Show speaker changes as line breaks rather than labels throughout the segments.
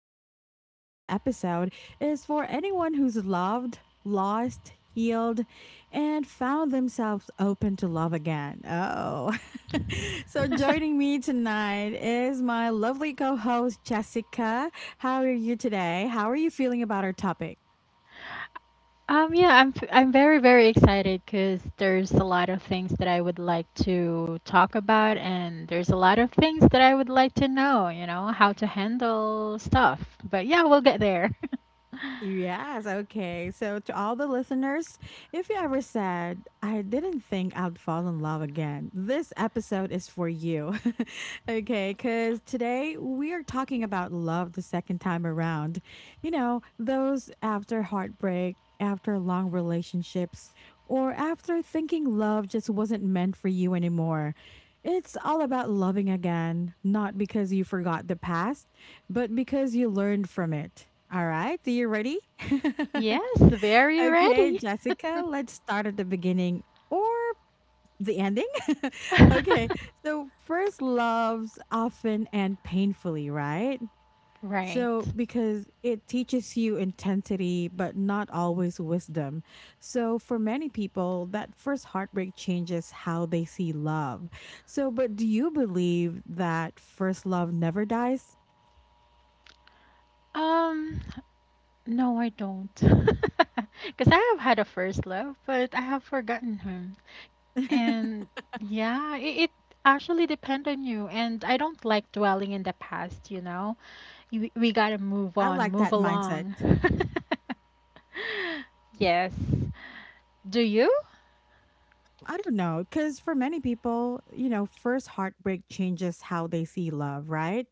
Nika, and today's episode is for anyone who's loved, lost, healed, and found themselves open to love again. Oh, so joining me tonight is my lovely co host, Jessica. How are you today? How are you feeling about our topic?
Yeah, I'm very excited because there's a lot of things that I would like to talk about, and there's a lot of things that I would like to know. You know how to handle stuff, but yeah, we'll get there.
Yes, okay. So, to all the listeners, if you ever said, "I didn't think I'd fall in love again," this episode is for you. Okay, because today we are talking about love the second time around. You know, those after heartbreak, after long relationships, or after thinking love just wasn't meant for you anymore. It's all about loving again, not because you forgot the past, but because you learned from it. All right, are you ready?
Yes, very
Okay,
ready.
Jessica, let's start at the beginning, or the ending. Okay, so first loves often and painfully, right? So,
Right.
because it teaches you intensity, but not always wisdom. So, for many people, that first heartbreak changes how they see love. So, but do you believe that first love never dies?
Um, no, I don't, because I have had a first love, but I have forgotten him, and yeah, it actually depends on you. And I don't like dwelling in the past. You know. We gotta move
I
on,
like
move
that mindset.
along. Yes. Do you?
I don't know, because for many people, you know, first heartbreak changes how they see love, right?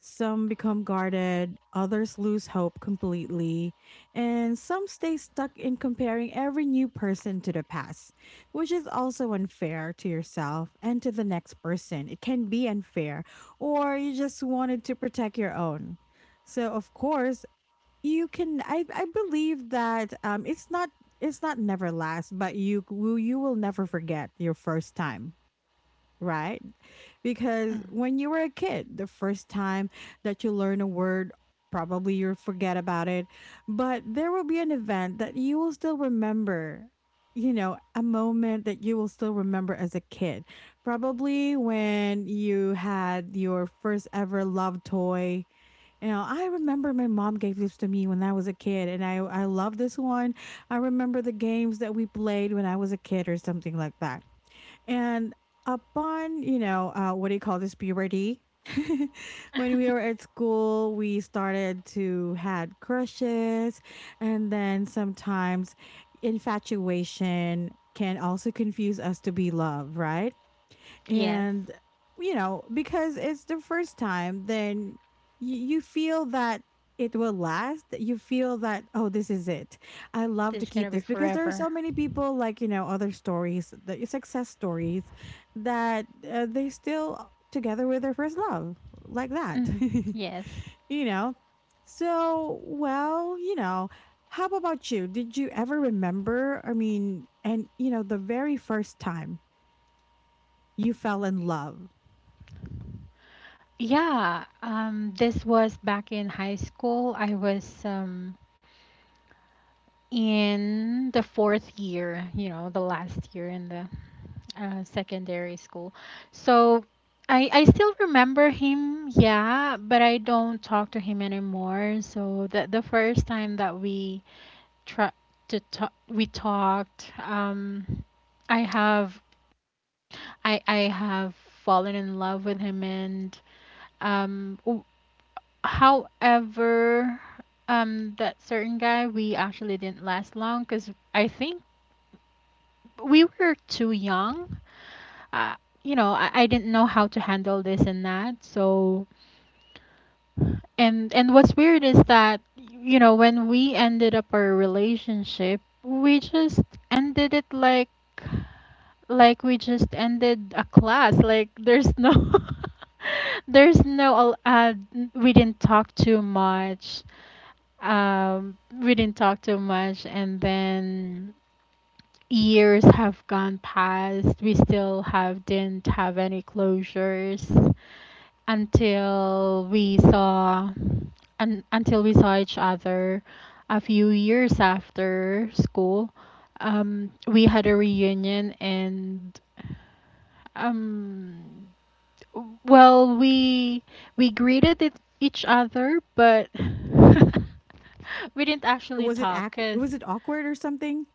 Some become guarded, others lose hope completely, and some stay stuck in comparing every new person to the past, which is also unfair to yourself and to the next person. It can be unfair, or you just wanted to protect your own. So, of course, you can, I believe that it's not never last, but you will never forget your first time, right? Because
Mm.
when you were a kid, the first time that you learn a word, probably you'll forget about it, but there will be an event that you will still remember, you know, a moment that you will still remember as a kid, probably when you had your first ever love toy. You know, I remember my mom gave this to me when I was a kid, and I love this one. I remember the games that we played when I was a kid, or something like that. And upon, you know, what do you call this, puberty? When we were at school, we started to had crushes, and then sometimes infatuation can also confuse us to be love, right?
Yes.
And you know, because it's the first time, then you feel that it will last. You feel that, oh, this is it. I love
This
to
is
keep
gonna be
this, because there are so
forever.
many people, like, you know, other stories, the success stories, that they still together with their first love, like that.
Mm. Yes.
You know, so well, you know, how about you? Did you ever remember, I mean, and you know, the very first time you fell in love?
Yeah. This was back in high school. I was in the fourth year. You know, the last year in the secondary school. So. I still remember him, yeah, but I don't talk to him anymore. So the first time that we try to talk, we talked. Um i have i i have fallen in love with him. Um w- However, that certain guy, we actually didn't last long because I think we were too young. uh, you know, I didn't know how to handle this and that, so. And what's weird is that, you know, when we ended up our relationship, we just ended it like we just ended a class, like there's no there's no al- we didn't talk too much. We didn't talk too much, and then years have gone past, we still have didn't have any closures until we saw until we saw each other a few years after school. We had a reunion and um well, we greeted each other, but we didn't actually
Was it
talk
ack
because
was it awkward or something?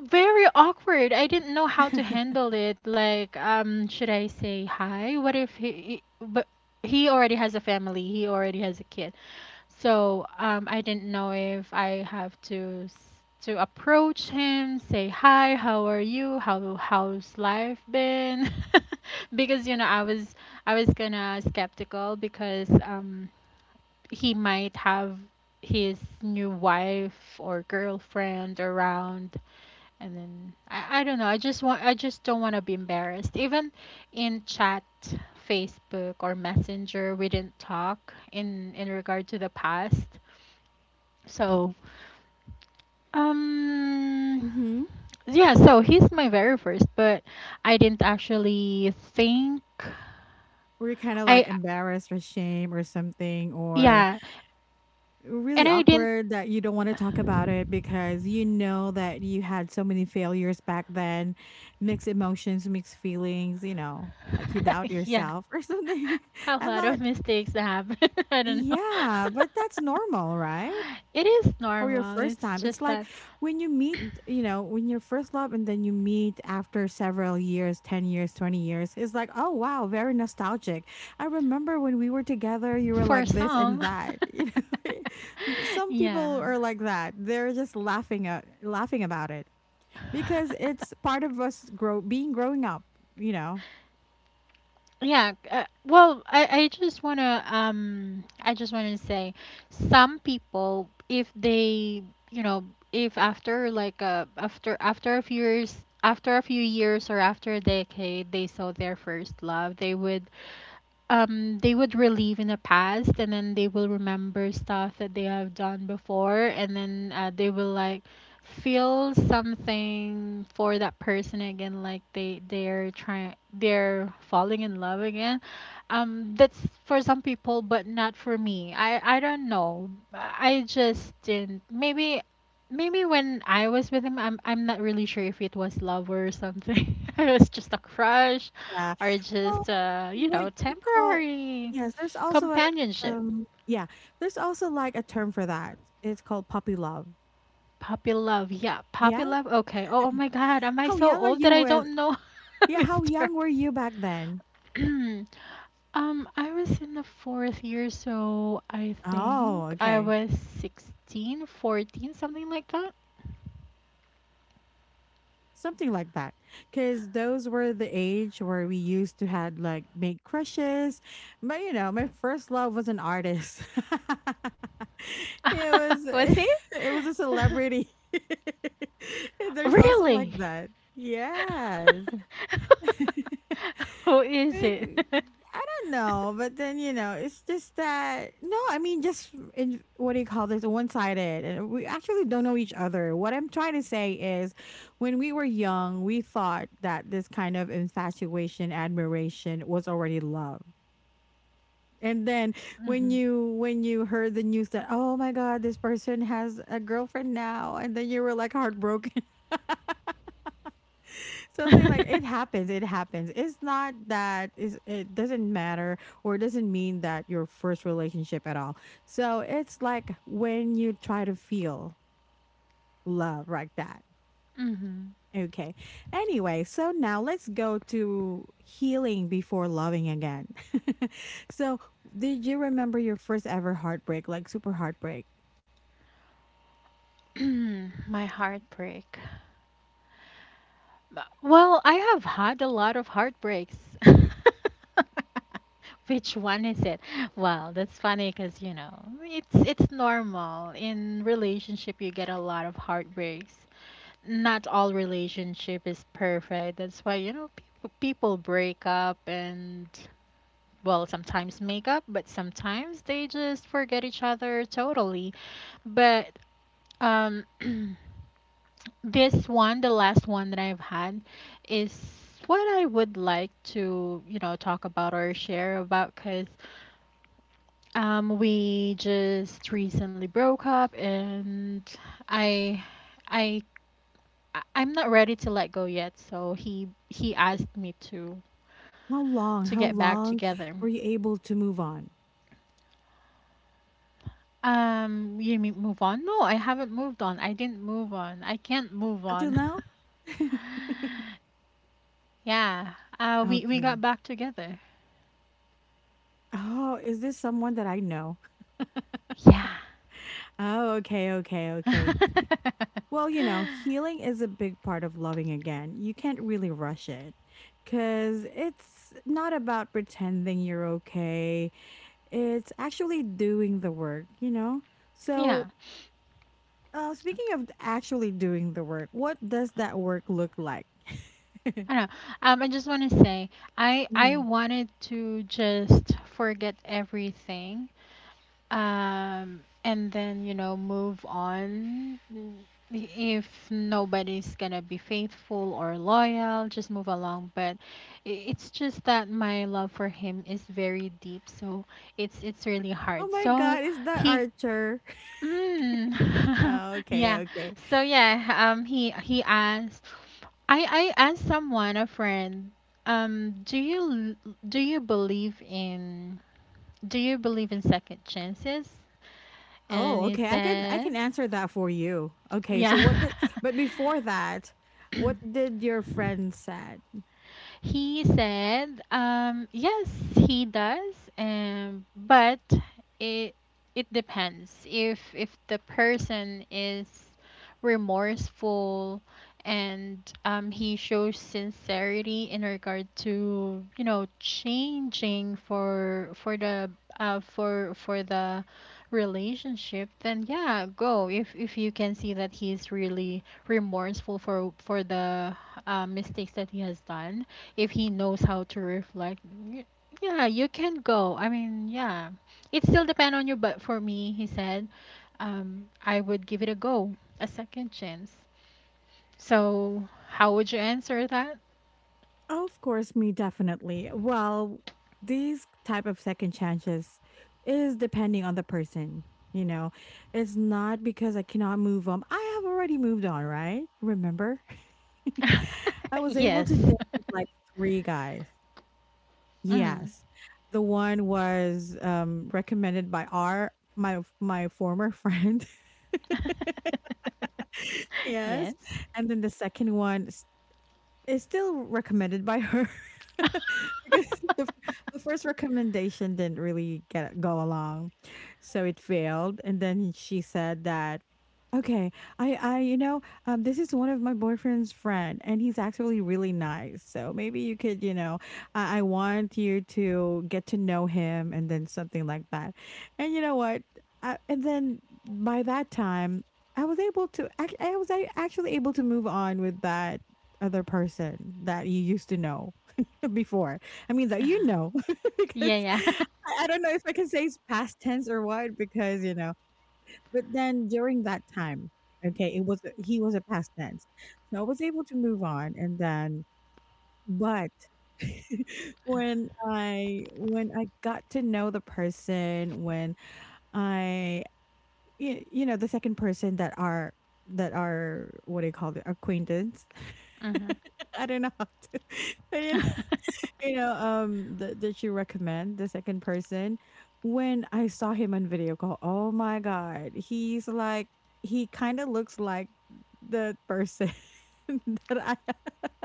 very awkward. I didn't know how to handle it. Like, should I say hi? What if but he already has a family. He already has a kid. So I didn't know if I have to to approach him, say hi, how are you, how how's life been, because you know I was gonna skeptical because he might have his new wife or girlfriend around, and then I don't know. I just don't want to be embarrassed. Even in chat, Facebook or Messenger, we didn't talk in regard to the past, so, um,
Mhm.
yeah, so he's my very first, but I didn't actually think.
Were you kinda,
I,
like, embarrassed or ashamed or something, or
yeah, and
really
I didn't,
awkward that you don't wanna talk about it, because you know that you had so many failures back then, mixed emotions, mixed feelings, you know, like you doubt
yeah,
yourself or something?
a
I
lot of
thought,
mistakes happen. I don't know.
yeah, but that's normal, right?
It is
Or your
normal.
first
It's
time. It's
just
like
that
when you meet, you know, when your first love, and then you meet after several years, 10 years, 20 years. It's like, oh, wow, very nostalgic. I remember when we were together, you were
for
like this and
some,
that. You know, but some people
yeah.
are like that. They're just laughing about it because it's part of us growing up, you know.
Yeah, well, I just wanna say some people, if they, you know, if after like after after a few years, after a few years or after a decade they saw their first love, they would relive in the past and then they will remember stuff that they have done before, and then they will like feel something for that person again, like they're trying, they're falling in love again. That's for some people but not for me. I don't know, I just didn't. Maybe maybe when I was with him, I'm not really sure if it was love or something. It was just a crush,
Yeah.
are
Well,
just, you
what
know,
you call,
temporary
yes, there's also a
companionship.
yeah, there's also like a term for that. It's called puppy love.
Puppy love, yeah, puppy
Yeah?
love. Okay. Oh, oh my God, am I
How
so
young are
old that
you
I
with,
don't know
yeah,
this
how
term?
young were you back then?
I was in the fourth year, so I
Oh,
think I
okay.
was 16, 14, something like that.
Something like that. 'Cause those were the age where we used to had like make crushes. But you know, my first love was an artist. It was
Was he?
it was a celebrity. There's also
Really?
like that. Yes.
Who is
Like,
it?
I don't know, but then you know, it's just that, no, I mean, just in, what do you call this? One sided, and we actually don't know each other. What I'm trying to say is, when we were young, we thought that this kind of infatuation, admiration, was already love. And then when
Hmm.
you heard the news that, oh my god, this person has a girlfriend now, and then you were like heartbroken. Something like it happens, it happens. It's not that, is it doesn't matter, or it doesn't mean that your first relationship at all. So it's like when you try to feel love like that.
Hmm.
Okay. Anyway, so now let's go to healing before loving again. So, did you remember your first ever heartbreak, like super heartbreak?
My heartbreak. Well, I have had a lot of heartbreaks. Which one is it? Well, that's funny because, you know, it's normal in relationship. You get a lot of heartbreaks. Not all relationship is perfect. That's why, you know, people break up, and well, sometimes make up, but sometimes they just forget each other totally. But um, this one, the last one that I've had, is what I would like to, you know, talk about or share about because we just recently broke up, and I, I, I'm not ready to let go yet. So he asked me
How long,
to
how
get back
long
together.
were you able to move on?
You mean move on? No, I haven't moved on. I didn't move on. I can't move
Until
on.
now?
Yeah. We
Okay.
got back together.
Oh, is this someone that I know?
Yeah.
Oh, okay, okay, okay. Well, you know, healing is a big part of loving again. You can't really rush it, because it's not about pretending you're okay. It's actually doing the work, you know? So,
Yeah.
speaking of actually doing the work, what does that work look like?
I know. I just want to say, I
Mhm.
wanted to just forget everything. And then, you know, move on. If nobody's gonna be faithful or loyal, just move along. But it's just that my love for him is very deep, so it's really
Oh
hard.
my
So
God, is that
he.
Archer?
Mm.
Oh, okay,
Yeah.
okay.
So yeah, he asked I asked someone, a friend, do you do you believe in, do you believe in second chances? And then
Oh,
he
okay. I can I
said,
can answer that for you. Okay, so what
yeah.
did but before that, what did your friend said?
He said, yes, he does, but it it depends. If the person is remorseful and he shows sincerity in regard to, you know, changing for the relationship, then yeah, go. If you can see that he's really remorseful for the mistakes that he has done, if he knows how to reflect, y- yeah, you can go. I mean, yeah, it still depend on you, but for me, he said, I would give it a go, a second chance. So how would you answer that?
Oh, of course, me definitely. Well, these type of second chances is depending on the person, you know. It's not because I cannot move on. I have already moved on, right? Remember? I was able
Yes.
to date like three guys.
Mm.
Yes. The one was recommended by our my my former friend. Yes.
Yes.
And then the second one, it's still recommended by her, because the first recommendation didn't really get go along, so it failed. And then she said that, "Okay, I this is one of my boyfriend's friend, and he's actually really nice. So maybe you could, I want you to get to know him, and then something like that. And you know what? And then by that time." I was able to, actually able to move on with that other person that you used to know before. I mean, that you know,
Yeah,
because
yeah.
I don't know if I can say it's past tense or what, because, you know, but then during that time, okay, he was a past tense. So I was able to move on. And then, but when I got to know the person, I, you know, the second person that are, what do you call it, acquaintance.
Mhm.
I don't know how to. I don't. You know, that you recommend the second person. When I saw him on video call, oh my god, he's like, he kind of looks like the person that I.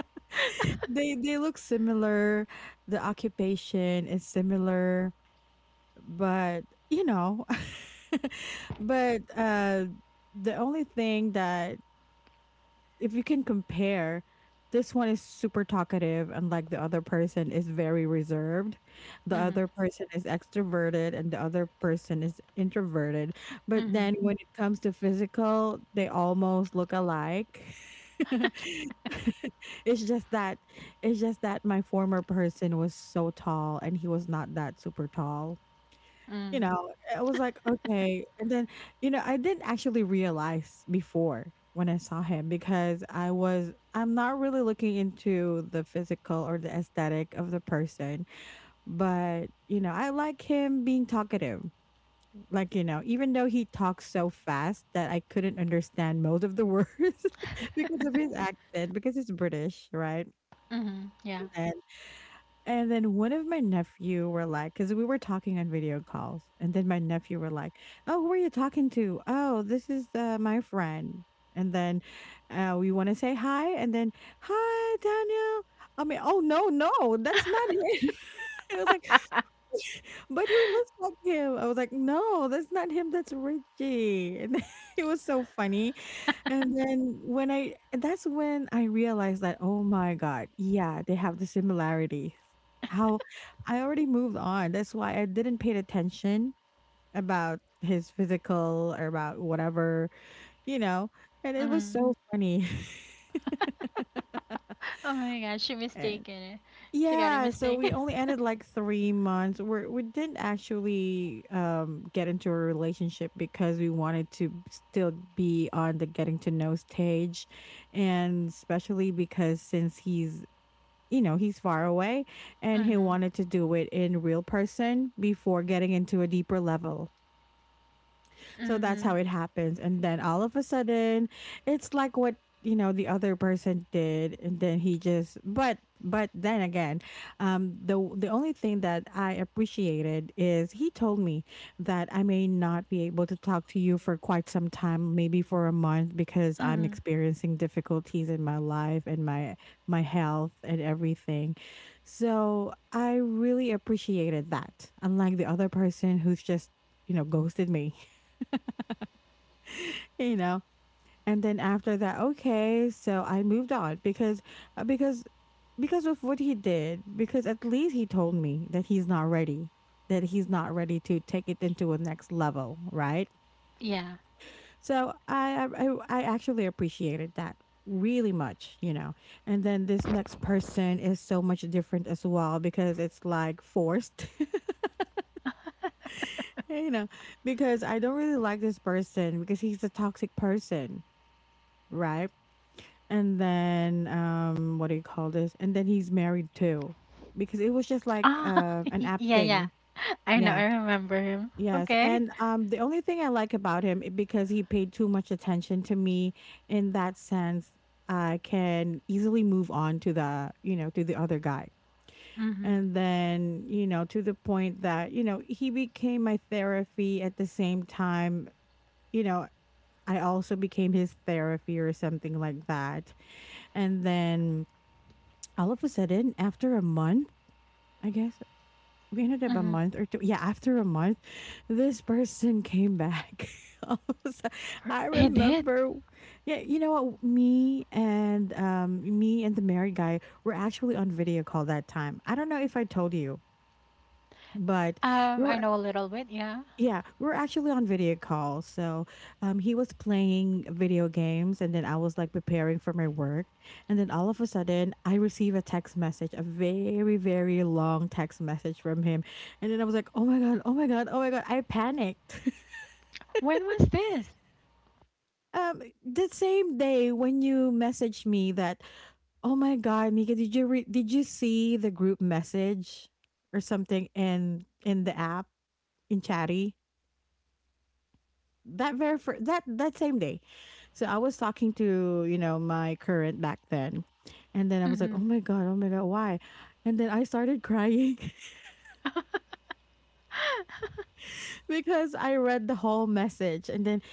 They look similar. The occupation is similar, but you know, but the only thing that, if you can compare, this one is super talkative, and like, the other person is very reserved. The other
Mhm.
person is extroverted, and the other person is introverted. But
Mhm.
then when it comes to physical, they almost look alike. it's just that it's just that my former person was so tall, and he was not that super tall, you
Mhm.
know. I was like, "Okay," and then, you know, I didn't actually realize before when I saw him, because I'm not really looking into the physical or the aesthetic of the person, but, you know, I like him being talkative. Like, you know, even though he talks so fast that I couldn't understand most of the words because of his accent, because he's British, right?
Mhm. Yeah.
And then one of my nephew were like, because we were talking on video calls, and then my nephew were like, "Oh, who are you talking to? Oh, this is my friend." And then we want to say hi, and then hi, Daniel. I mean, oh no, no, that's not him. It was like, but he looks like him. I was like, no, that's not him. That's Richie. And it was so funny, and then when I that's when I realized that, oh my God, yeah, they have the similarities. How I already moved on. That's why I didn't pay attention about his physical or about whatever, you know. And it was
Mhm.
so funny.
Oh my god, she mistaken it. She got it
Yeah, so we
mistaken.
only ended like 3 months. We did not actually get into a relationship because we wanted to still be on the getting to know stage, and especially because since he's far away, and he
Mhm.
wanted to do it in real person before getting into a deeper level. So that's
Mhm.
how it happens. And then all of a sudden, it's like what the other person did, and then he just, but then again, the only thing that I appreciated is he told me that I may not be able to talk to you for quite some time, maybe for a month, because I'm
Mhm.
experiencing difficulties in my life and my health and everything. So I really appreciated that, unlike the other person who's just, ghosted me. you know and then after that, okay, so I moved on because uh, because because of what he did. Because at least he told me that he's not ready, to take it into a next level, right?
Yeah.
So I actually appreciated that really much. And then this next person is so much different as well, because it's like forced. you know because I don't really like this person, because he's a toxic person, right? And then, what do you call this? And then he's married too, because it was just like
Ah,
an app
yeah, yeah.
thing.
I know.
Yeah.
I remember him.
Yes.
Okay.
And the only thing I like about him, because he paid too much attention to me. In that sense, I can easily move on to the other guy.
Mhm.
And then, to the point that, he became my therapy at the same time, you know, I also became his therapy or something like that. And then all of a sudden, after a month, I guess we ended up a
Mhm.
month or two. Yeah, after a month, this person came back. All of a sudden, I
He did.
remember. Yeah, you know what? Me and the married guy were actually on video call that time. I don't know if I told you, but we
I
were
know a little bit. Yeah.
yeah, we're actually on video call. So, he was playing video games, and then I was like preparing for my work. And then all of a sudden, I receive a text message, a very, very long text message from him. And then I was like, "Oh my God, oh my God, oh my God." I panicked.
When was this?
The same day when you messaged me that, oh my God, Nika, did you see the group message or something in, the app, in Chatty? That very fir- that that same day. So I was talking to, you know, my current back then. And then I was like,
Mhm.
oh my god, why?" And then I started crying. Because I read the whole message. And then,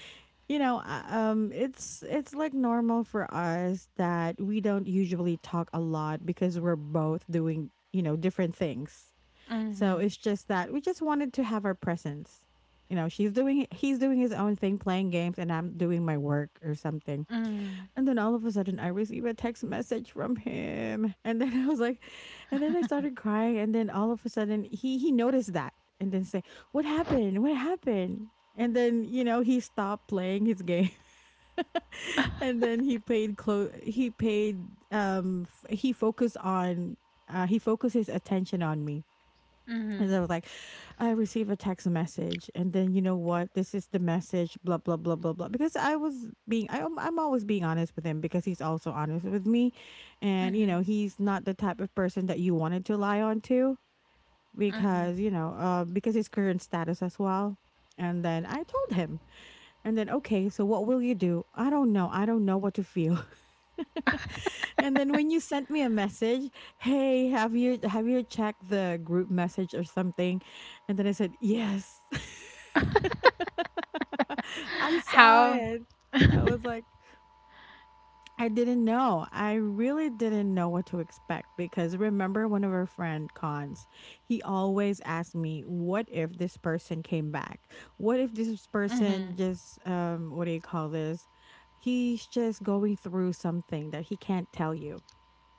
it's like normal for us that we don't usually talk a lot, because we're both doing, different things. So
Mhm.
it's just that we just wanted to have our presence. You know, she's doing he's doing his own thing playing games, and I'm doing my work or something.
Mhm.
And then all of a sudden, I receive a text message from him, and then I was like, and then I started crying, and then all of a sudden, he noticed that, and then say, "What happened? What happened?" And then, you know, he stopped playing his game. And then he paid close. He paid he focused on, he focused his attention on me, and they
Mhm.
were like, I received a text message, and then, you know what? This is the message, blah, blah, blah, blah, blah. Because I was being, I, I'm always being honest with him, because he's also honest with me. And, you know,
Mhm.
he's not the type of person that you wanted to lie on to,
Mhm.
because, you know, because his current status as well. And then I told him. And then, okay, so what will you do? I don't know. I don't know what to feel. And then when you sent me a message, hey, have you checked the group message or something? And then I said, yes. I saw
How?
it. I was like, I didn't know. I really didn't know what to expect, because remember one of our friend cons, he always asked me, "What if this person came back? What if this person
Mhm.
just what do you call this? He's just going through something that he can't tell you,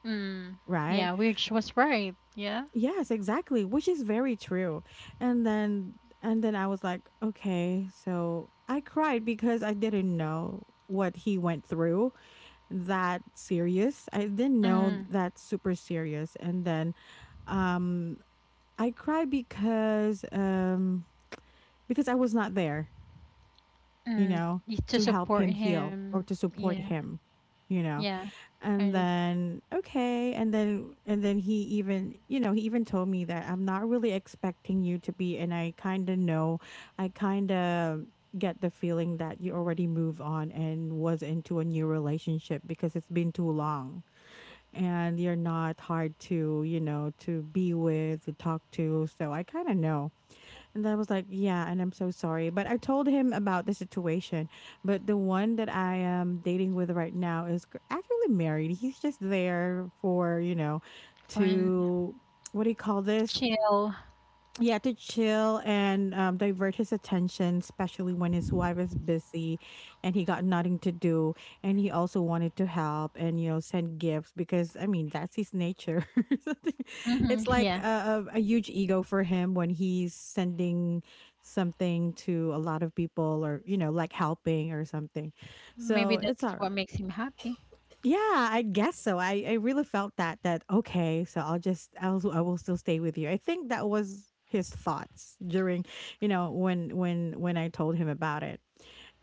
Mm,
right?"
yeah, which was right. Yeah.
Yes, exactly, which is very true. And then I was like, "Okay, so I cried because I didn't know what he went through, that serious. I didn't know
Mm.
that's super serious." And then um I cry because I was not there, you
Mm,
know,
to
to help
support
him heal or
him.
to support
Yeah,
him, you know.
yeah. I
And
just
then okay, and then he even, you know, he even told me that I'm not really expecting you to be, and I kind of know. I kind of get the feeling that you already moved on and was into a new relationship, because it's been too long, and you're not hard to, you know, to be with, to talk to. So I kind of know. And then I was like, yeah, and I'm so sorry. But I told him about the situation. But the one that I am dating with right now is actually married. He's just there for, you know,
Fun,
to, what do you call this?
chill.
Yeah, to chill and divert his attention, especially when his wife is busy and he got nothing to do. And he also wanted to help and, you know, send gifts because, I mean, that's his nature. Something, it's
Hmm,
like
yeah.
a huge ego for him when he's sending something to a lot of people, or, you know, like helping or something.
Maybe
So it's all
that's what
right.
makes him happy.
Yeah, I guess so. I really felt that okay, so I'll just, I will still stay with you. I think that was his thoughts during, when I told him about it.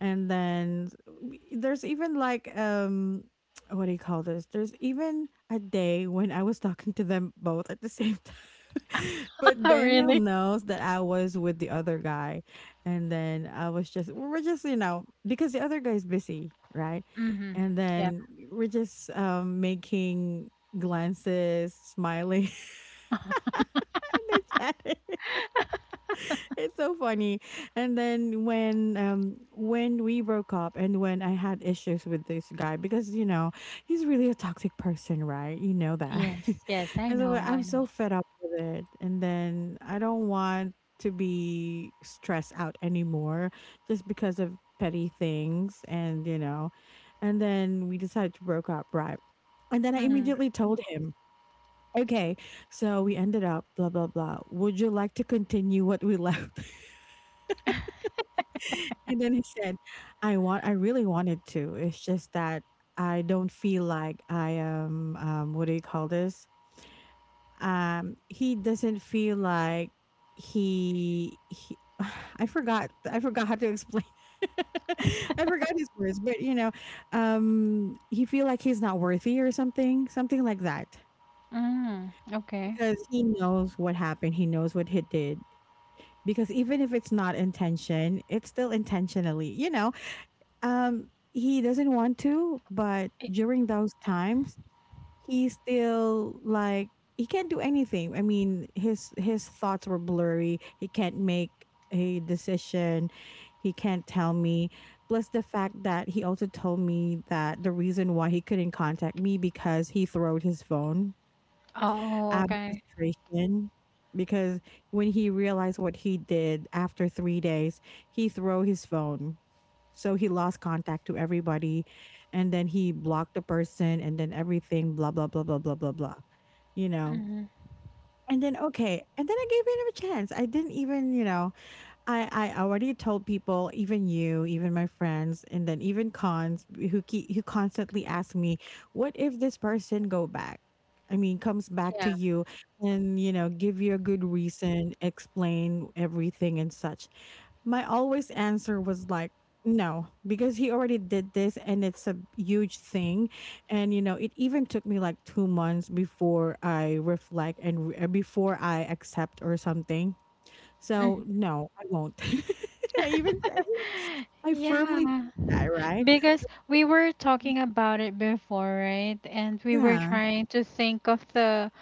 And then there's even like what do you call this? There's even a day when I was talking to them both at the same time. But
Oh,
Daniel
really?
knows that I was with the other guy. And then I was just, we were just, you know, because the other guy's busy, right?
Mm-hmm.
And
Yeah.
then we're just making glances, smiling, in the chat. It's so funny. And then when we broke up and when I had issues with this guy, because you know, he's really a toxic person, right? You know that.
Yes, yes. I
And so
know.
I'm
I know.
so fed up with it. And then I don't want to be stressed out anymore just because of petty things, and you know. And then we decided to broke up, right? And then I
Mm.
immediately told him, okay, so we ended up blah blah blah. Would you like to continue what we left? And then he said, "I want. I really wanted to. It's just that I don't feel like I am. What do you call this? He doesn't feel like he. I forgot. I forgot how to explain. I forgot his words, but you know, he feel like he's not worthy or something, something like that,
Mm, okay.
because he knows what happened. He knows what he did. Because even if it's not intention, it's still intentionally, you know. He doesn't want to, but
I-
during those times, he still like, he can't do anything. I mean, his thoughts were blurry. He can't make a decision. He can't tell me. Plus the fact that he also told me that the reason why he couldn't contact me, because he throwed his phone
Oh,
out of
okay.
frustration, because when he realized what he did after 3 days, he threw his phone. So he lost contact to everybody, and then he blocked the person, and then everything, blah, blah, blah, blah, blah, blah, blah, you know?
Mm-hmm.
And then, okay, and then I gave him a chance. I didn't even, you know, I already told people, even you, even my friends, and then even cons, who constantly ask me, "What if this person go back? I mean, comes back
Yeah.
to you, and you know, give you a good reason, explain everything and such." My always answer was like, "No," because he already did this, and it's a huge thing. And you know, it even took me like 2 months before I reflect and before I accept or something. So, no, I won't. I even
Mm.
I even I firmly
Yeah.
said that, right?
Because we were talking about it before, right? And we were
Yeah.
trying to think of the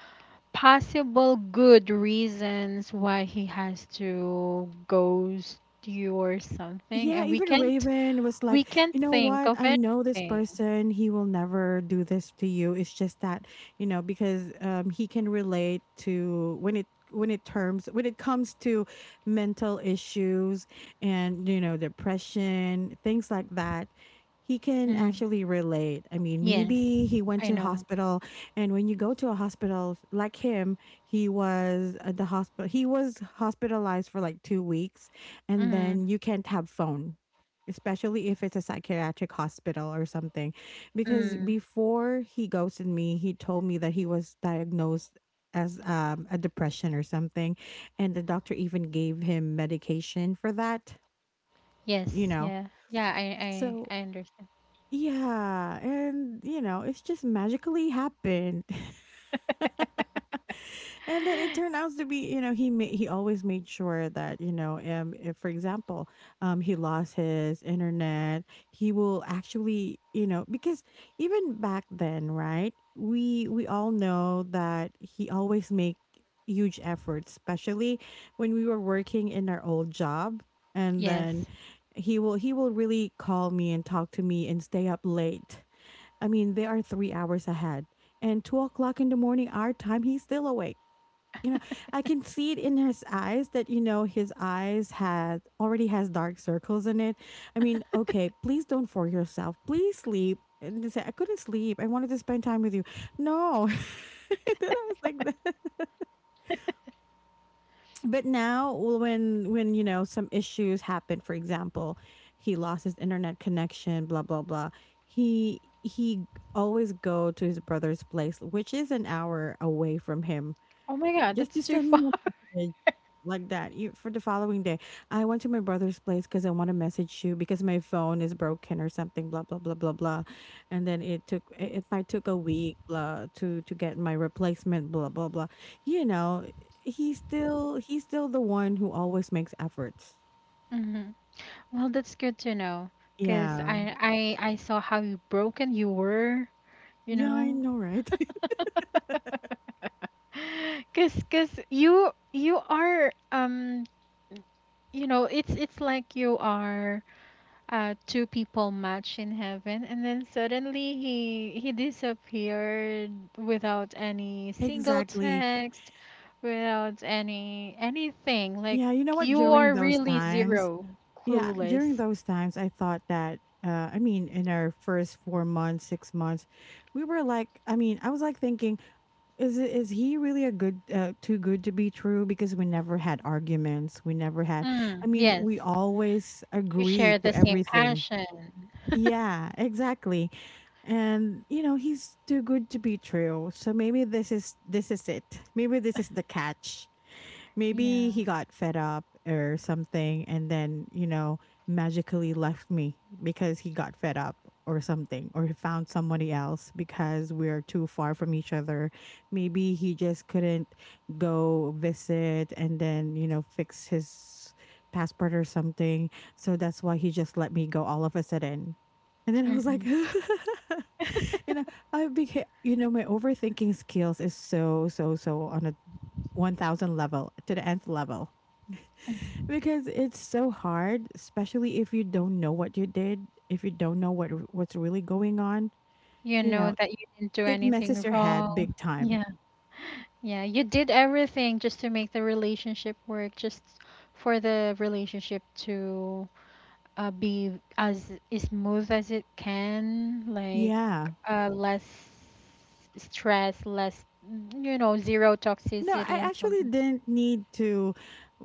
possible good reasons why he has to ghost you or something,
Yeah,
and
even Raven was like,
we can't
you know
think
what?
of
I know this
anything.
person. He will never do this to you. It's just that, you know, because he can relate to when it terms when it comes to mental issues and, you know, depression, things like that. He can
Mm,
actually relate. I mean,
yes,
maybe he went
I
to
know.
hospital, and when you go to a hospital like him, he was at the hospital. He was hospitalized for like 2 weeks, and
Mm,
then you can't have phone, especially if it's a psychiatric hospital or something, because
mm,
before he ghosted me he told me that he was diagnosed as a depression or something, and the doctor even gave him medication for that, you
yes,
know.
yeah, yeah. I
So
I I understand.
yeah, and you know, it's just magically happened. And then it turned out to be, you know, he always made sure that, you know, if for example, he lost his internet, he will actually, you know, because even back then, right? We all know that he always make huge efforts, especially when we were working in our old job, and then
Yes.
he will really call me and talk to me and stay up late. I mean, they are 3 hours ahead, and 2 o'clock in the morning our time he's still awake, you know. I can see it in his eyes that, you know, his eyes had already has dark circles in it. I mean, okay, please don't force yourself, please sleep. And they say, I couldn't sleep, I wanted to spend time with you. No. And then I was like, that. But now, well, when you know some issues happen, for example he lost his internet connection, blah blah blah, he always go to his brother's place which is an hour away from him.
Oh my God,
Just to
that's too
send
far.
me a message, like that, you, for the following day. I went to my brother's place because I want to message you, because my phone is broken or something. Blah blah blah blah blah, and then it took it, it might took a week, blah, to get my replacement. Blah blah blah. You know, he's still the one who always makes efforts.
Hmm. Well, that's good to know because
Yeah,
I saw how you broken you were, you
yeah, I
know.
know, right?
Cause you are you know it's like you are two people match in heaven, and then suddenly he disappeared without any single
Exactly.
text, without any anything like
Yeah, you know what?
you
During
are
those
really
times,
zero
yeah, during
clueless.
those times, I thought that, I mean, in our first 4 months, 6 months, we were like, I mean, I was like thinking, is it, is he really a good, too good to be true? Because we never had arguments. We never had,
Mm,
I mean,
yes.
we always
You
agree
share
to
the same
everything.
passion.
Yeah, exactly. And you know, he's too good to be true. So maybe this is it. Maybe this is the catch.
Yeah.
Maybe he got fed up or something, and then, you know, magically left me because he got fed up or something, or he found somebody else because we're too far from each other. Maybe he just couldn't go visit and then, you know, fix his passport or something. So that's why he just let me go all of a sudden. And then I was like,
Hmm.
you know, I became, you know, my overthinking skills is so, so, so on a 1,000 level to the nth level, because it's so hard, especially if you don't know what you did, if you don't know what's really going on,
You
you
know
know.
that you didn't do
It messes
anything
your head
wrong.
big time.
Yeah. Yeah. You did everything just to make the relationship work, just for the relationship to be as smooth as it can, like
Yeah.
less stress, less, you know, zero
No, I
toxicity and
actually
something.
didn't need to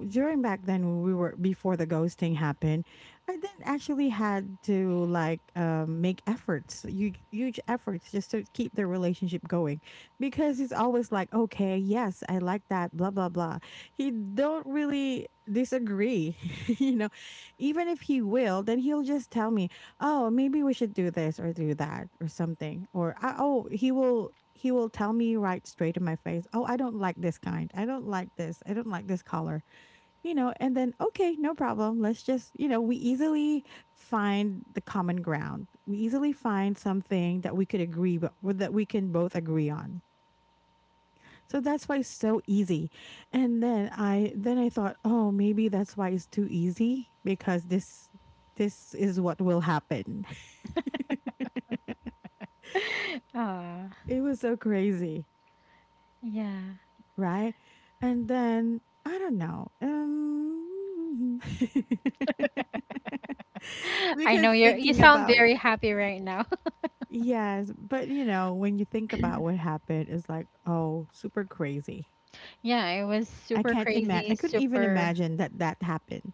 during back then when we were before the ghosting happened. I didn't actually had to like make efforts, huge efforts just to keep the relationship going. Because he's always like, okay, yes, I like that, blah blah blah. He don't really disagree, you know. Even if he will, then he'll just tell me, oh maybe we should do this or do that or something, or I, oh he will tell me right straight in my face, oh I don't like this kind, I don't like this, I don't like this color, you know. And then okay, no problem, let's just, you know, we easily find the common ground, we easily find something that we could agree, but that we can both agree on. So that's why it's so easy. And then I thought, oh maybe that's why it's too easy, because this is what will happen.
Ah,
It was so crazy,
yeah.
right? And then I don't know.
I
Because
know you're you
thinking
sound
about,
very happy right now.
yes, but you know, when you think about what happened, it's like, oh, super crazy.
Yeah, it was
I
super
can't imagine.
crazy,
I couldn't even
super,
imagine that that happened.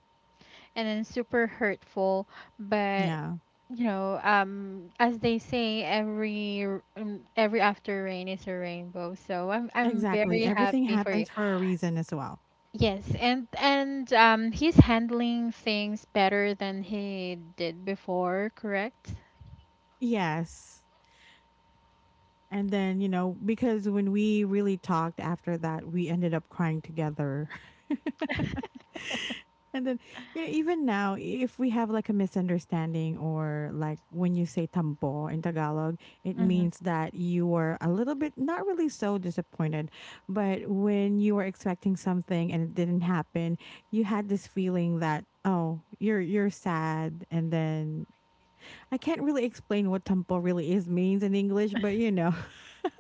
and then super hurtful, but
Yeah,
you know, as they say, every every after rain is a rainbow. So I'm
exactly.
very
Everything
happy for you.
happens for a reason as well.
Yes, and he's handling things better than he did before, correct?
Yes. And then, you know, because when we really talked after that, we ended up crying together. And then, you know, even now, if we have like a misunderstanding, or like when you say tambo in Tagalog, it
Hmm.
means that you were a little bit not really so disappointed, but when you were expecting something and it didn't happen, you had this feeling that, oh, you're sad. And then I can't really explain what tambo really is means in English, but you know.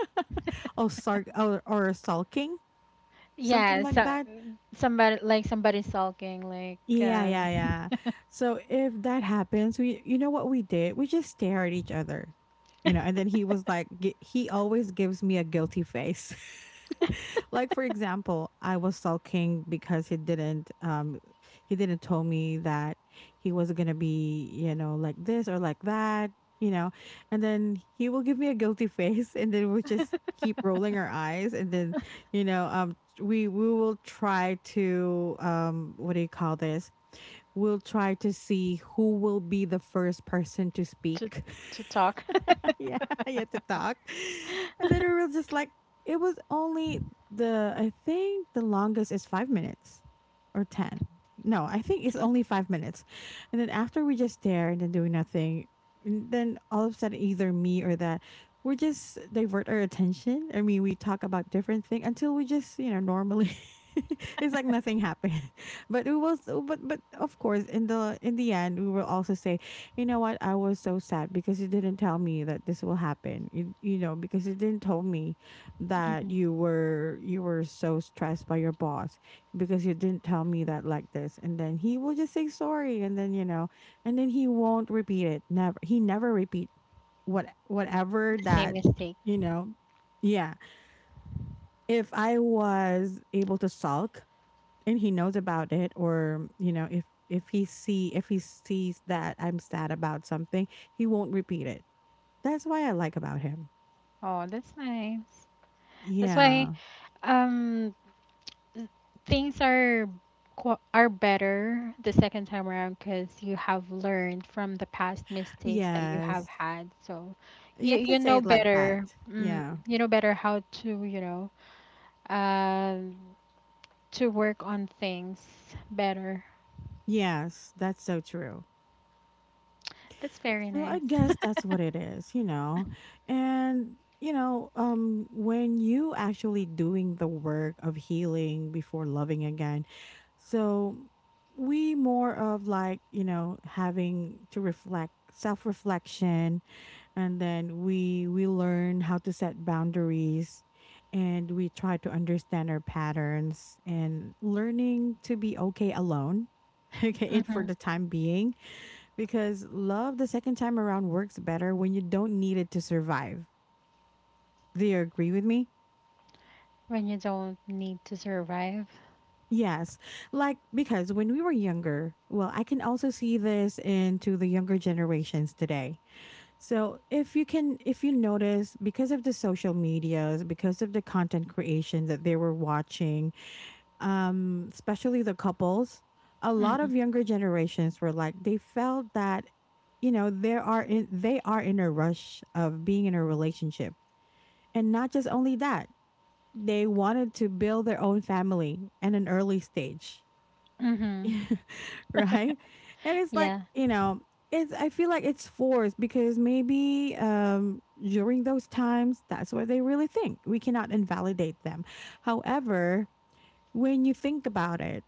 Oh, sarc, or sulking, something
Yeah,
like
so
that.
somebody, like somebody sulking like
Yeah, yeah, yeah. So if that happens, we, you know what we did? We just stare at each other. You know, and then he was like he always gives me a guilty face. Like for example, I was sulking because he didn't tell me that he was going to be, you know, like this or like that, you know. And then he will give me a guilty face, and then we'll just keep rolling our eyes, and then, you know, um, we will try to what do you call this? We'll try to see who will be the first person to
to
speak.
to talk.
Yeah, you have to talk. And then it was just like, it was only the, I think the longest is 5 minutes or 10. No, I think it's only 5 minutes. And then after we just stare and then doing nothing, and then all of a sudden, either me or that, we just divert our attention. I mean, we talk about different things until we just, you know, normally. It's like nothing happened. But it was, but of course in the end we will also say, you know what? I was so sad because you didn't tell me that this will happen. You know, because you didn't tell me that
Mhm.
you were, you were so stressed by your boss, because you didn't tell me that, like this. And then he will just say sorry, and then you know, and then he won't repeat it. Never, he never repeat whatever
The same
that,
mistake.
you know. Yeah. If I was able to sulk and he knows about it, or you know if he see if he sees that I'm sad about something, he won't repeat it. That's why I like about him.
Oh, that's nice. That's why
Yeah.
um things are are better the second time around because you have learned from the past mistakes that you have
Yes,
had. So
yeah,
you
I can
you
say
know
it like that.
better. Mm,
Yeah.
you know better how to, you know, um to work on things better.
Yes, that's so true.
That's very
So I
nice.
guess that's what it is, you know. And you know, um, when you actually doing the work of healing before loving again. So we more of like, you know, having to reflect, self-reflection, and then we learn how to set boundaries, and we try to understand our patterns, and learning to be okay alone. Okay, it for
Hmm.
the time being, because love the second time around works better when you don't need it to survive. Do you agree with me?
When you don't need to survive.
Yes. Like, because when we were younger, well, I can also see this into the younger generations today. So, if you can, if you notice, because of the social medias, because of the content creation that they were watching, especially the couples, a lot
Mm-hmm.
of younger generations were like, they felt that, you know, there are in, they are in a rush of being in a relationship. And not just only that, they wanted to build their own family at an early stage.
Mm-hmm.
Right? And it's like,
Yeah.
you know, it's, I feel like it's forced, because maybe during those times that's what they really think. We cannot invalidate them. However, when you think about it,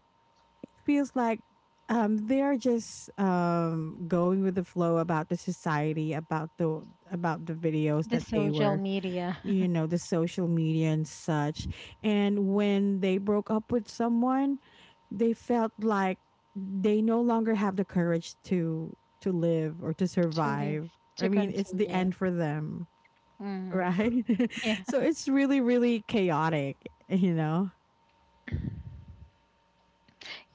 it feels like they're just going with the flow about the society, about the videos
The
that they
social
were
media.
the social media and such. And when they broke up with someone, they felt like they no longer have the courage to live or to
To live,
survive. I
to
mean, it's the
continue.
end for them,
Hmm.
right?
Yeah,
So it's really really chaotic, you know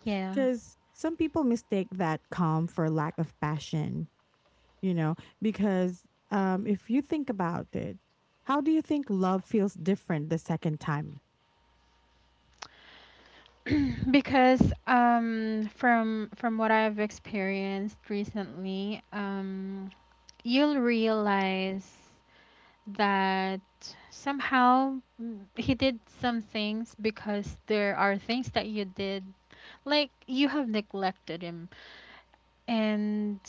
yeah.
cuz some people mistake that calm for lack of passion, you know because if you think about it, how do you think love feels different the second time?
Because from what I've experienced recently, you'll realize that somehow, mm, he did some things because there are things that you did, like you have neglected him. and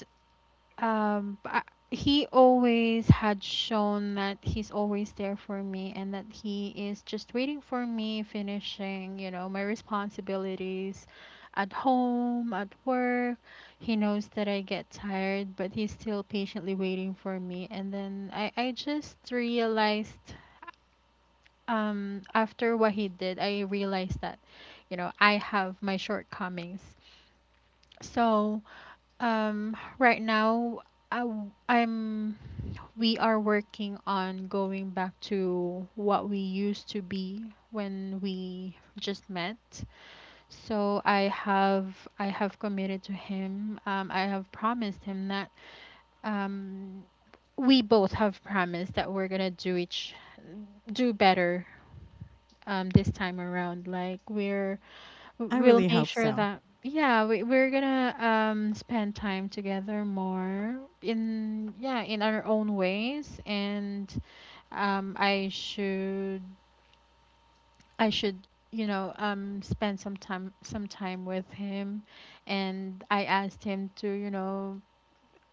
um b- I, he always had shown that he's always there for me and that he is just waiting for me finishing, you know, my responsibilities at home, at work. He knows that I get tired, but he's still patiently waiting for me, and then I just realized, after what he did, I realized that, you know, I have my shortcomings. So right now, I, am we are working on going back to what we used to be when we just met. So I have committed to him. I have promised him that um, we both have promised that we're gonna do better this time around. Like
I
we'll
really
make
hope
sure
so.
that yeah, we're gonna spend time together more in, yeah, in our own ways. And um I should I should, spend some time with him. And I asked him to, you know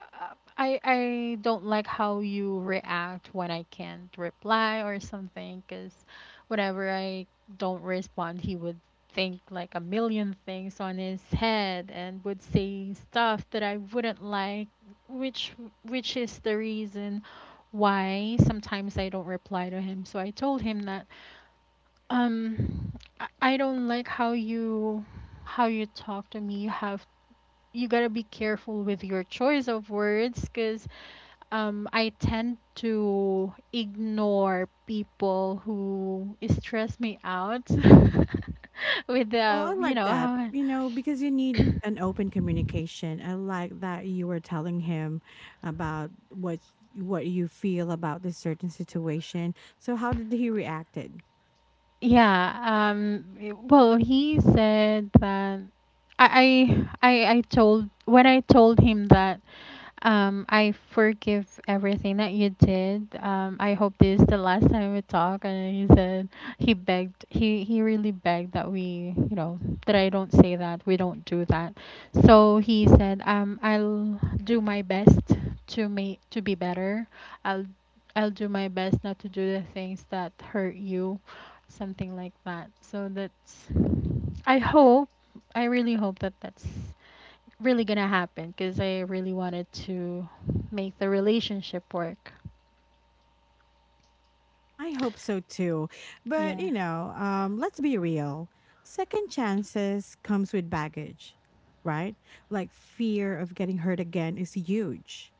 uh, I don't like how you react when I can't reply or something, cuz whenever I don't respond, he would think like a million things on his head and would say stuff that I wouldn't like, which which is the reason why sometimes I don't reply to him. So I told him that um I don't like how you, talk to me. You got to be careful with your choice of words, cuz I tend to ignore people who stress me out with
Well, I
the,
like that,
how-
because you need an open communication. I like that you were telling him about what you feel about this certain situation. So how did he reacted?
yeah. Um, well, he said that I told when I told him that, "I forgive everything that you did. I hope this is the last time we talk." And he begged, he really begged that we, that I don't say that, we don't do that. So he said, "I'll do my best to be better. I'll I'll do my best not to do the things that hurt you," something like that. So I hope, I really hope that that's really gonna happen because I really wanted to make the relationship work.
I hope so too. But,
Yeah.
let's be real. Second chances comes with baggage, right? Like fear of getting hurt again is huge.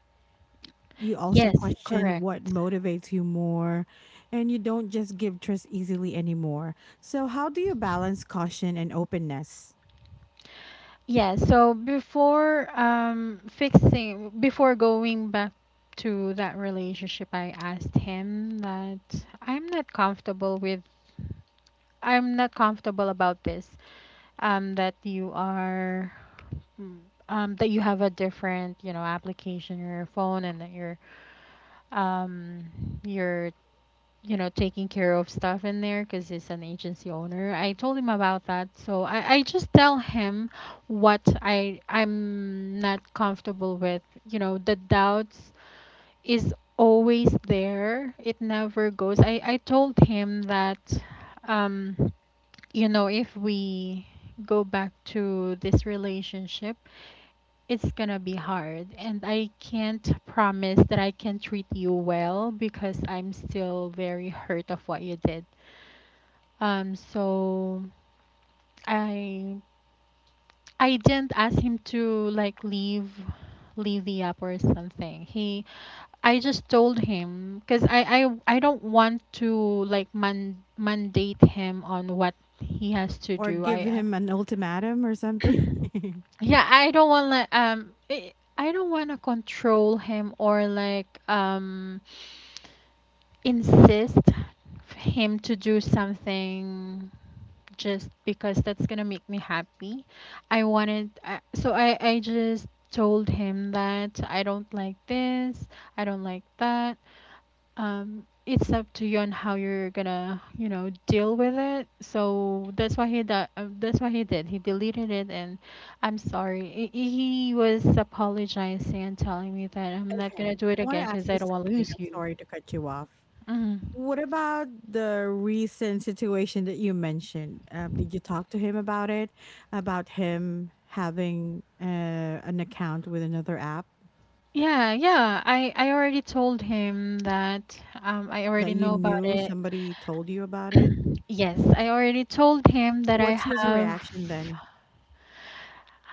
You also
Yes,
question
correct.
what motivates you more, and you don't just give trust easily anymore. So how do you balance caution and openness?
Yeah, so before going back to that relationship, I asked him that I'm not comfortable with I'm not comfortable about this. Um that you are mm, that you have a different, you know, application in your phone, and that you're um you're you know taking care of stuff in there because he's an agency owner. I told him about that, so I just tell him what I'm not comfortable with. You know, the doubts is always there, it never goes. I told him that, um you know, if we go back to this relationship, it's gonna be hard, and I can't promise that I can treat you well because I'm still very hurt of what you did. So i I didn't ask him to like leave the app or something. He I, just told him because I don't want to like mandate him on what he has to
Or
do.
give him an ultimatum or
I
something? Okay.
Yeah, I don't want to I don't want to control him or like insist for him to do something just because that's going to make me happy. I wanted So I just told him that I don't like this, I don't like that. It's up to you on how you're gonna, deal with it. So that's why, he that that's what he did. He deleted it. And I'm sorry. He was apologizing and telling me that I'm not gonna do it
I want
again
to ask
because I
you
don't want to
something.
lose
I'm
you.
sorry to cut you off.
Hmm.
What about the recent situation that you mentioned? Did you talk to him about it? About him having an account with another app,
Yeah, yeah, I already told him that I
that
already
you
know about
knew
it.
somebody told you about it?
Yes, I already told him that I
What's his
have.
reaction then?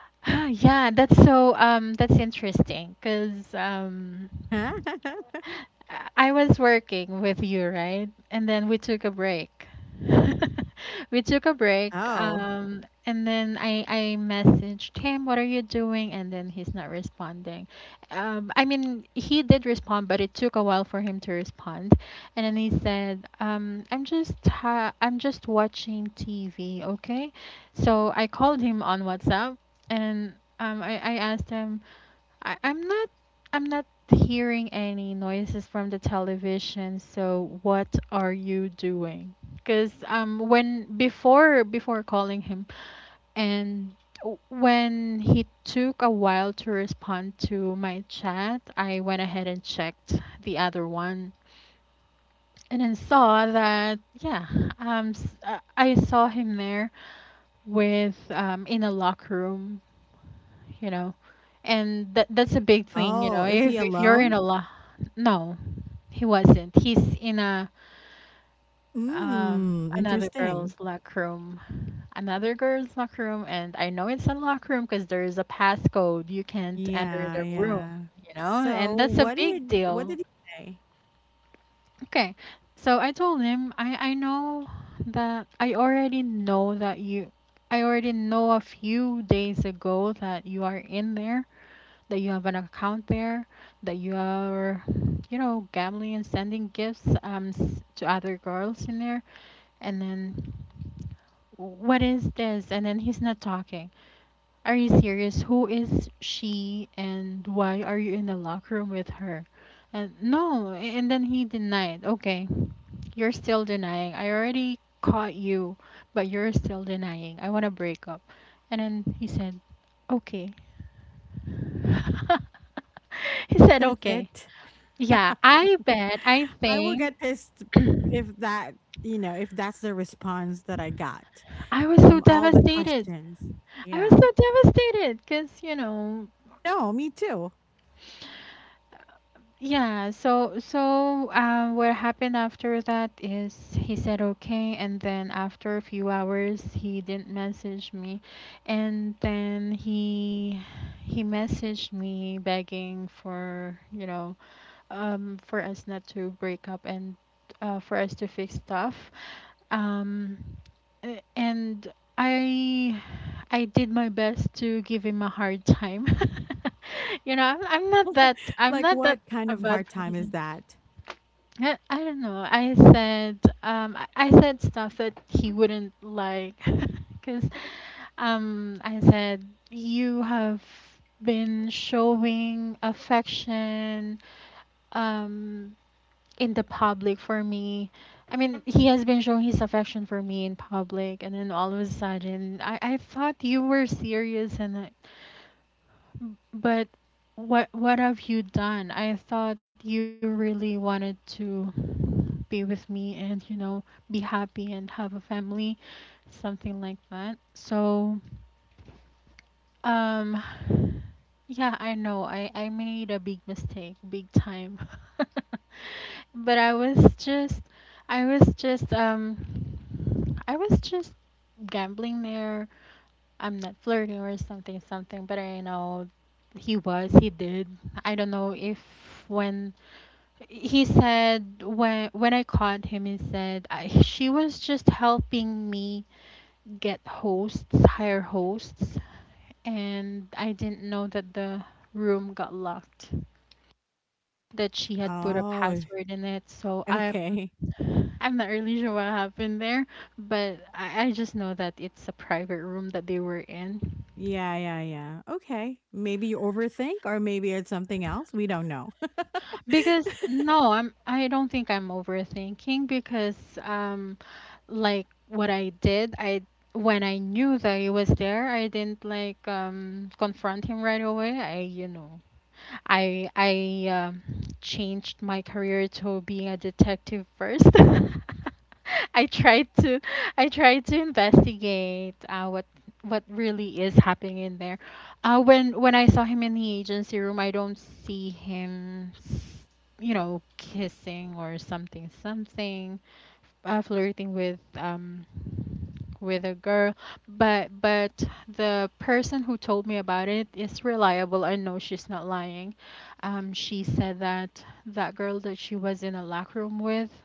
Yeah, that's so, that's interesting because I was working with you, right? And then we took a break. We took a break,
Oh.
and then I messaged him, "What are you doing?" And then he's not responding. I mean, he did respond, but it took a while for him to respond. And then he said, "I'm just I'm just watching TV, okay?" So I called him on WhatsApp, and I asked him, I, I'm not I'm not hearing any noises from the television, so what are you doing? Cuz when before calling him, and when he took a while to respond to my chat, I went ahead and checked the other one, and then saw that, yeah, I saw him there with in a locker room, you know. And that's a big thing, you
Oh,
know,
is he
if you're in
alone?
a lo- no, he wasn't, he's in a
Mm,
another
interesting.
girl's locker room. Another girl's locker room. And I know it's a locker room because there is a passcode, you can't enter
Yeah,
the room,
yeah.
you know,
So
and that's a big
what
deal.
did he say?
Okay, so I told him, I know that I already know that you I already know a few days ago that you are in there, that you have an account there, that you are, you know, gambling and sending gifts to other girls in there, and then, what is this? And then he's not talking. Are you serious? Who is she, and why are you in the locker room with her? And no, and then he denied. Okay, you're still denying. I already caught you, but you're still denying. I want to break up. And then he said, okay. He said,
That's
okay.
it.
Yeah, I bet. I
I will
think
get pissed if that, if that's the response that I got
I was so
from all the
devastated.
questions.
I was
Yeah.
so devastated because, you know,
No, me too.
yeah. So, what happened after that is he said okay, and then after a few hours, he didn't message me, and then he messaged me begging for, you know, for us not to break up, and for us to fix stuff. Um, a- and I I did my best to give him a hard time. You know, I'm not that,
Like what kind
a
of
bad
hard time is
person.
that?
I don't know. I said, I said stuff that he wouldn't like, cuz I said, you have been showing affection um in the public for me. I mean, he has been showing his affection for me in public, and then all of a sudden, I thought you were serious, and I, but what have you done? I thought you really wanted to be with me, and, you know, be happy and have a family, something like that. So, um, yeah, I know I made a big mistake, big time. But I was just, I was just, um, I was just gambling there. I'm not flirting or something, something. But I know he was, he did. I don't know if when he said when I caught him, he said, she was just helping me hire hosts, and I didn't know that the room got locked, that she had put a
Oh,
password in it.
okay.
I'm not really sure what happened there, but I just know that it's a private room that they were in.
Yeah, yeah, yeah. Okay. Maybe you overthink or maybe it's something else. We don't know.
Because no, I don't think I'm overthinking because um like what I did, I when I knew that he was there, I didn't like confront him right away. I, you know, I changed my career to being a detective first. I tried to I tried to investigate, what really is happening in there. When I saw him in the agency room, I don't see him, you know, kissing or something, something, flirting with, with a girl, but the person who told me about it is reliable, I know she's not lying. She said that that girl that she was in a locker room with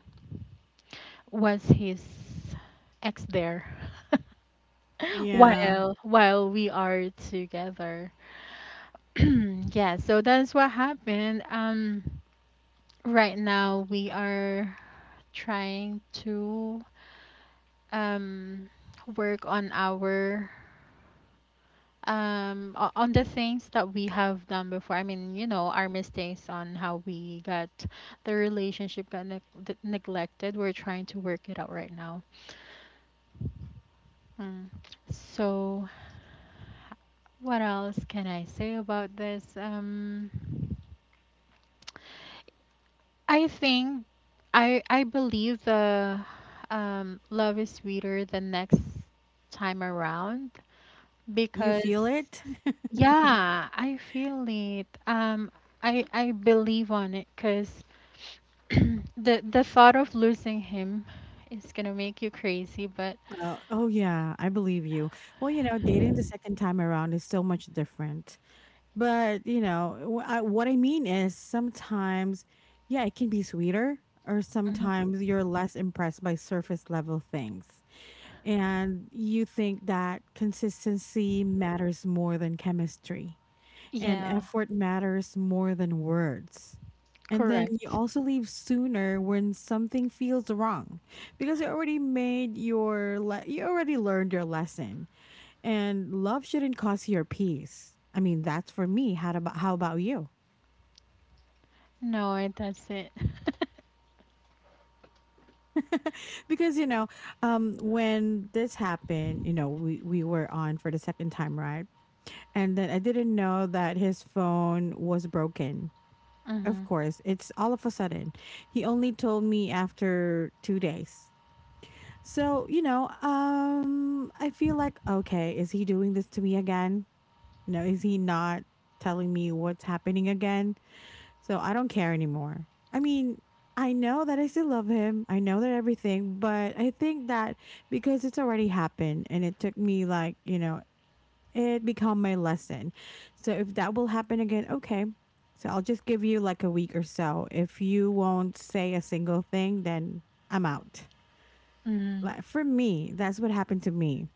was his ex there
Yeah.
while we are together. Yeah, so that's what happened. Right now we are trying to um work on our on the things that we have done before, I mean, you know, our mistakes, on how we got, the relationship got neg- d- neglected. We're trying to work it out right now. Mm. So what else can I say about this? I think I believe the, love is sweeter the next time around
You
because
feel it?
yeah, I feel it. I believe on it because the thought of losing him is gonna make you crazy, but
Oh, oh, yeah. I believe you. Well, dating the second time around is so much different. But, what I mean is sometimes, yeah, it can be sweeter, or
mhm,
sometimes you're less impressed by surface level things. And you think that consistency matters more than chemistry. And
yeah,
effort matters more than words. And then you
correct.
also leave sooner when something feels wrong, because you already learned your lesson, and love shouldn't cost your peace. I mean, that's for me. How about you?
No, it- that's it.
Because when this happened, we were on for the second time, right? And then I didn't know that his phone was broken. Of
Mm-hmm.
course, it's all of a sudden. He only told me after 2 days. So, I feel like, okay, is he doing this to me again? Is he not telling me what's happening again? So I don't care anymore. I mean, I know that I still love him. I know that everything, but I think that because it's already happened and it took me like, it become my lesson. So if that will happen again, okay. So I'll just give you like a week or so. If you won't say a single thing, then I'm out.
Mm-hmm.
Like for me, that's what happened to me.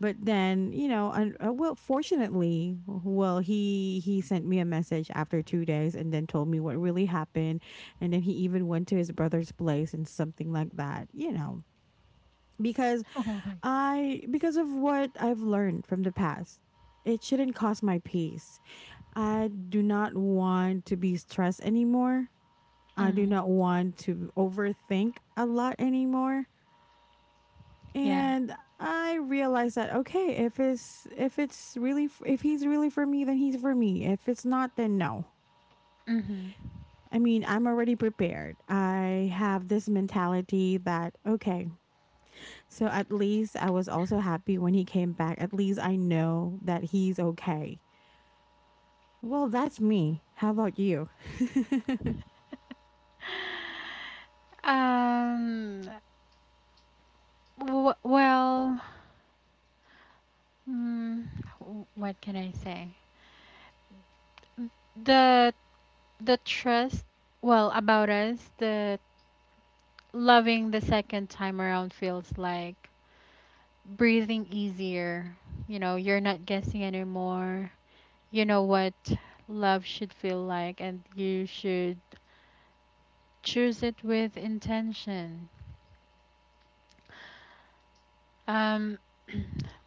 But then, and well, fortunately, well, he sent me a message after 2 days and then told me what really happened, and then he even went to his brother's place and something like that. You know, because
Oh my.
I because of what I've learned from the past, it shouldn't cost my peace. I do not want to be stressed anymore. I do
Mm-hmm.
not want to overthink a lot anymore.
Yeah.
And I realized that okay, if he's really for me, then he's for me. If it's not, then no.
Mm-hmm.
I mean, I'm already prepared. I have this mentality that okay, so at least I was also happy when he came back. At least I know that he's okay. Well, that's me. How about you?
Um. W- well. Mm, w- what can I say? The the trust. Well, about us, the loving the second time around feels like breathing easier. You know, you're not guessing anymore. You know what love should feel like, and you should choose it with intention. um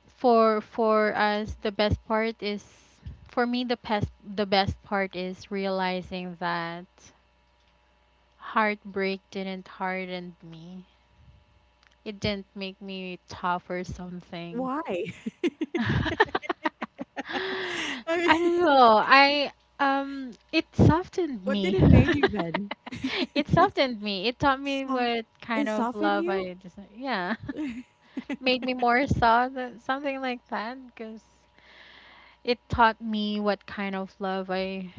for us, the best part is, for me, the best, the best part is realizing that heartbreak didn't harden me, it didn't make me tough or something.
Why?
I
I mean,
don't know. I it softened
what did
me.
it made you then?
It softened me. It taught
It's
me
soft
what
it
kind of
softened
love,
you?
I just, yeah. Made me more soft, something like that because it taught me what kind of love I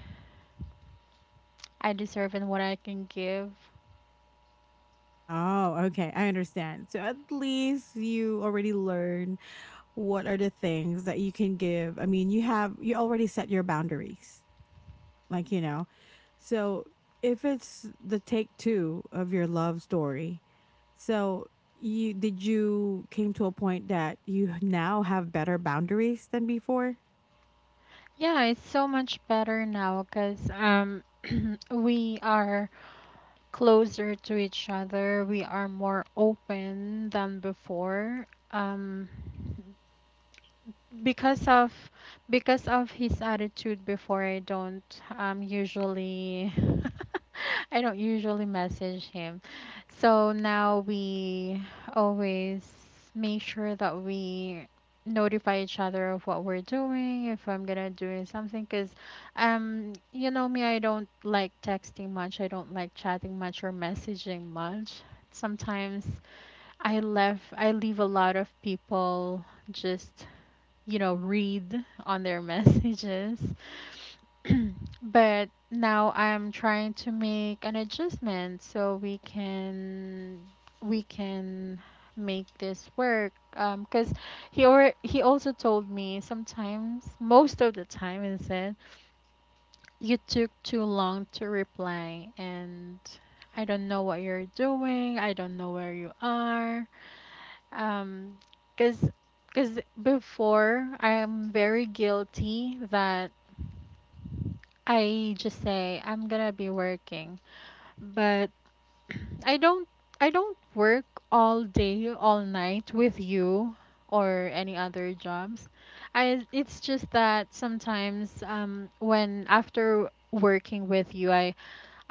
I deserve and what I can give.
Oh, okay. I understand. So at least you already learn what are the things that you can give. I mean, you already set your boundaries. Like, so if it's the take two of your love story, so you came to a point that you now have better boundaries than before?
Yeah, it's so much better now because we are closer to each other. We are more open than before. Because of because of his attitude before, I don't usually I don't usually message him. So now we always make sure that we notify each other of what we're doing, if I'm gonna do something, because you know me, I don't like texting much, I don't like chatting much or messaging much. Sometimes I leave a lot of people just, you know, read on their messages. But now I'm trying to make an adjustment so we can make this work. 'Cause he also told me sometimes, most of the time, he said you took too long to reply, and I don't know what you're doing. I don't know where you are. Um, cause because before I'm very guilty that I just say I'm gonna be working but I don't I don't work all day, all night with you or any other jobs. I it's just that sometimes when after working with you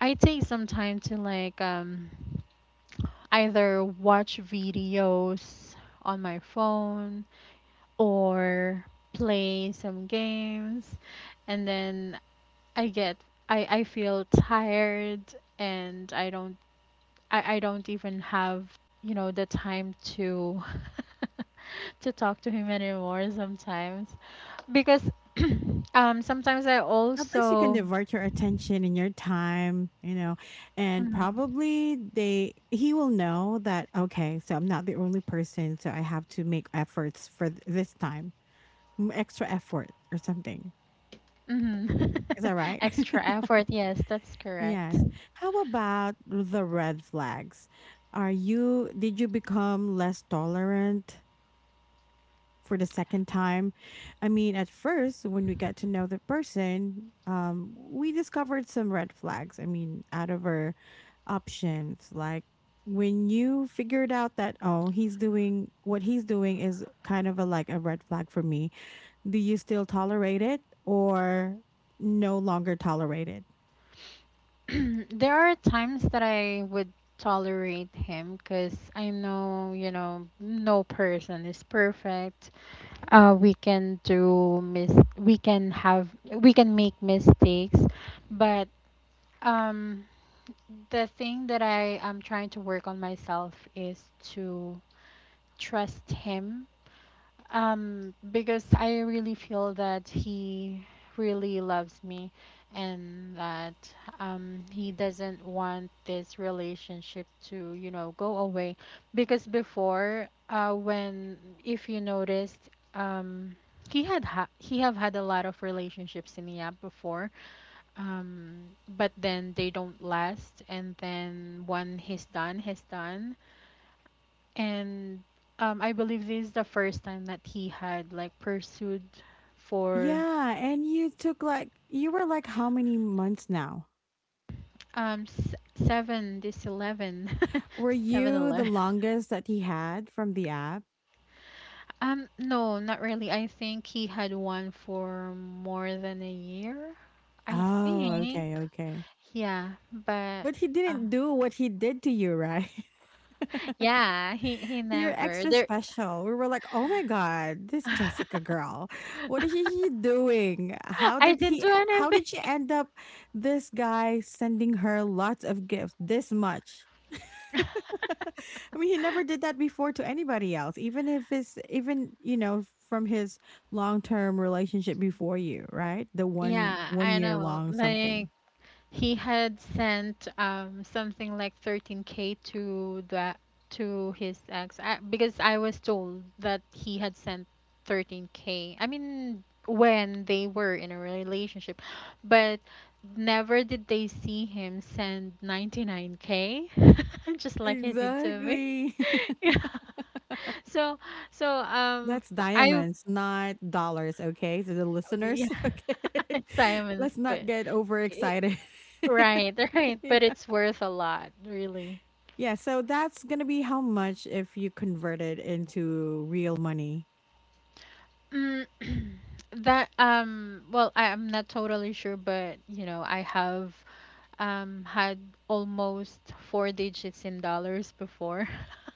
I take some time to like either watch videos on my phone or play some games and then I get I feel tired and I don't even have you know the time to to talk to him anymore sometimes because sometimes I
At least you can
also.
divert your attention and your time, and
Mhm.
probably they he will know that okay, so I'm not the only person, so I have to make efforts for this time, extra effort or something.
Mhm.
Is that right?
Extra effort, yes, that's correct.
Yes. How about the red flags? Are you did you become less tolerant for the second time? I mean, at first when we got to know the person, we discovered some red flags. I mean, out of our options, like when you figured out that oh, he's doing what he's doing is kind of a like a red flag for me. Do you still tolerate it or no longer tolerate it?
There are times that I would tolerate him because I know you know no person is perfect. uh we can do mis we can have we can make mistakes, but um the thing that I am trying to work on myself is to trust him. Because I really feel that he really loves me and that, he doesn't want this relationship to, you know, go away. Because before, when, if you noticed, he have had a lot of relationships in the app before, um but then they don't last, and then when he's done he's done. And I believe this is the first time that he had like pursued for
Yeah, and you took like you were like how many months now?
um s- seven this 11,
Were
seven
you the
eleven.
longest that he had from the app?
No, not really, I think he had one for more than a year, I
Oh,
think.
okay, okay.
Yeah, but
But he
uh,
didn't do what he did to you, right?
yeah he
You're
never
extra
there.
special. We were like, "Oh my god, this
I
Jessica girl. What is she doing?
didn't do
How
anything.
did she end up this guy sending her lots of gifts this much?" I mean, he never did that before to anybody else, even if it's even from his long term relationship before you, right? The one
Yeah,
one
I
year
know.
long
Like
something.
he had sent something like 13k to that to his ex. Because I was told that he had sent 13k. I mean when they were in a relationship, but never did they see him send 99k just like he did to me.
Exactly.
Yeah. So so
That's
I
diamonds, not dollars. Okay, so the
yeah,
listeners, okay,
Simon's
let's
but.
not get overexcited.
Right, right, but it's worth a lot, really.
Yeah, so that's gonna be how much if you convert it into real money.
Mm, that, well, I'm not totally sure, but you know, I have had almost four digits in dollars before.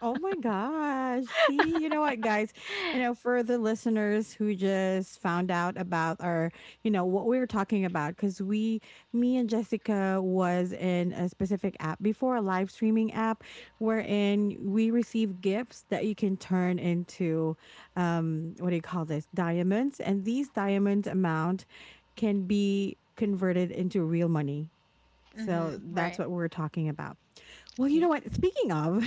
Oh my gosh. See, you know what, guys? For the listeners who just found out about what we were talking about, because me and Jessica was in a specific app before, a live streaming app, wherein we received gifts that you can turn into, what do you call this? Diamonds. And these diamonds amount can be converted into real money.
Mm-hmm,
So that's
right.
what we're talking about. Well, you know
Yes.
what? Speaking of,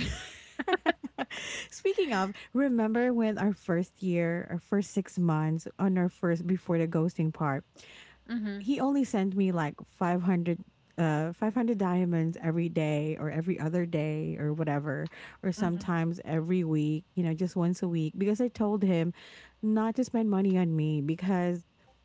remember when our first 6 months on our first before the ghosting part,
Mm-hmm.
he only sent me like 500 500 diamonds every day or every other day or whatever, or
Mm-hmm.
sometimes every week, just once a week, because I told him not to spend money on me, because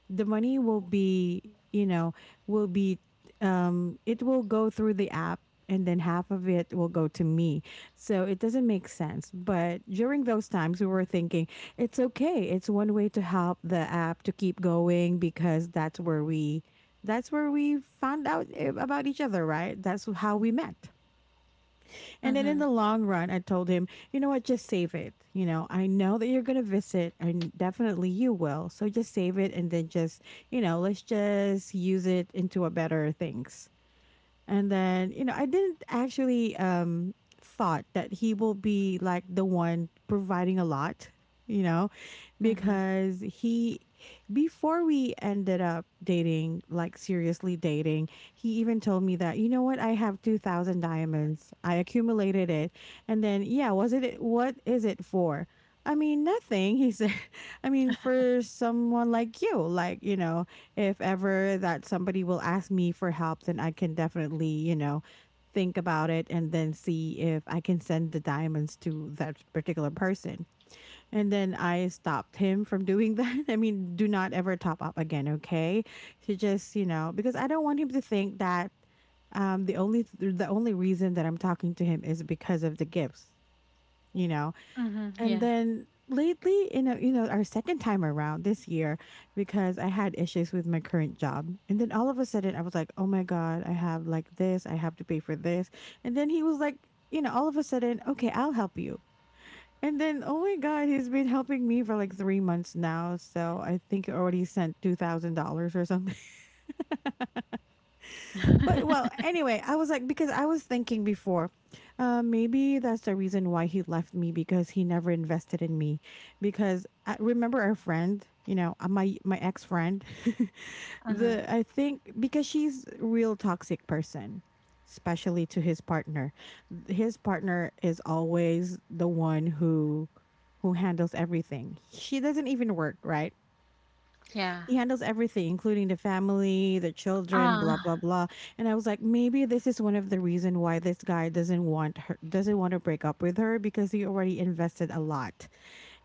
the money will be you know will be it will go through the app, and then half of it will go to me, so it doesn't make sense. But during those times we were thinking, it's okay. It's one way to help the app to keep going, because that's where we found out about each other, right? That's how we met. And then in
Mm-hmm.
the long run, I told him, "You know what? Just save it. I know that you're going to visit and definitely you will. So just save it, and then just, let's just use it into a better things." And then, I didn't actually thought that he will be like the one providing a lot, you know,
Mm-hmm.
because he before we ended up dating, like seriously dating, he even told me that, you know what, I have 2,000 diamonds. I accumulated it. And then, yeah, was it what is it for? I mean, nothing, he said. I mean, for someone like you, like, if ever that somebody will ask me for help, then I can definitely, think about it and then see if I can send the diamonds to that particular person. And then I stopped him from doing that. I mean, do not ever top up again, okay? He just, because I don't want him to think that the only reason that I'm talking to him is because of the gifts, you know?
Mm-hmm.
And
Yeah.
then lately, our second time around this year, because I had issues with my current job. And then all of a sudden I was like, oh my God, I have like this, I have to pay for this. And then he was like, all of a sudden, okay, I'll help you. And then, oh my God, he's been helping me for like 3 months now. So I think he already sent $2,000 or something. But well, anyway, I was like because I was thinking before, maybe that's the reason why he left me, because he never invested in me. Because I, remember our friend, my ex friend,
Mm-hmm.
the I think because she's a real toxic person, especially to his partner. His partner is always the one who handles everything. She doesn't even work, right?
Yeah.
He handles everything, including the family, the children, blah
Ah.
blah blah. And I was like, maybe this is one of the reason why this guy doesn't want to break up with her, because he already invested a lot.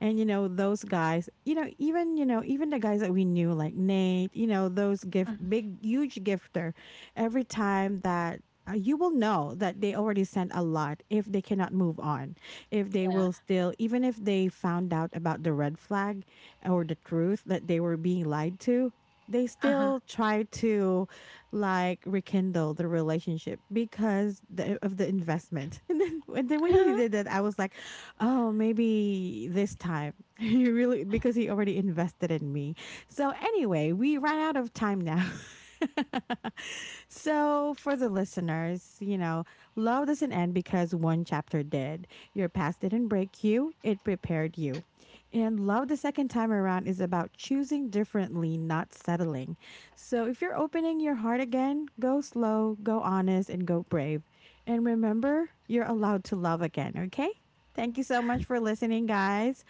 And those guys, even the guys that we knew like Nate, those gift
Mhm.
big huge gifter, every time that you will know that they already sent a lot if they cannot move on, if they
Yeah.
will still, even if they found out about the red flag or the truth that they were being lied to, they
Uh-huh.
still try to like rekindle the relationship because of the investment. And then when he did that, I was like, oh, maybe this time he really because he already invested in me. So anyway, we ran out of time now. So for the listeners, love doesn't end because one chapter did. Your past didn't break you; it prepared you. And love the second time around is about choosing differently, not settling. So if you're opening your heart again, go slow, go honest, and go brave. And remember, you're allowed to love again, okay? Thank you so much for listening, guys.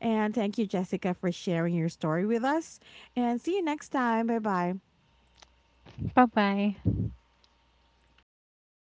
And thank you, Jessica, for sharing your story with us. And see you next time. Bye bye.
Bye-bye.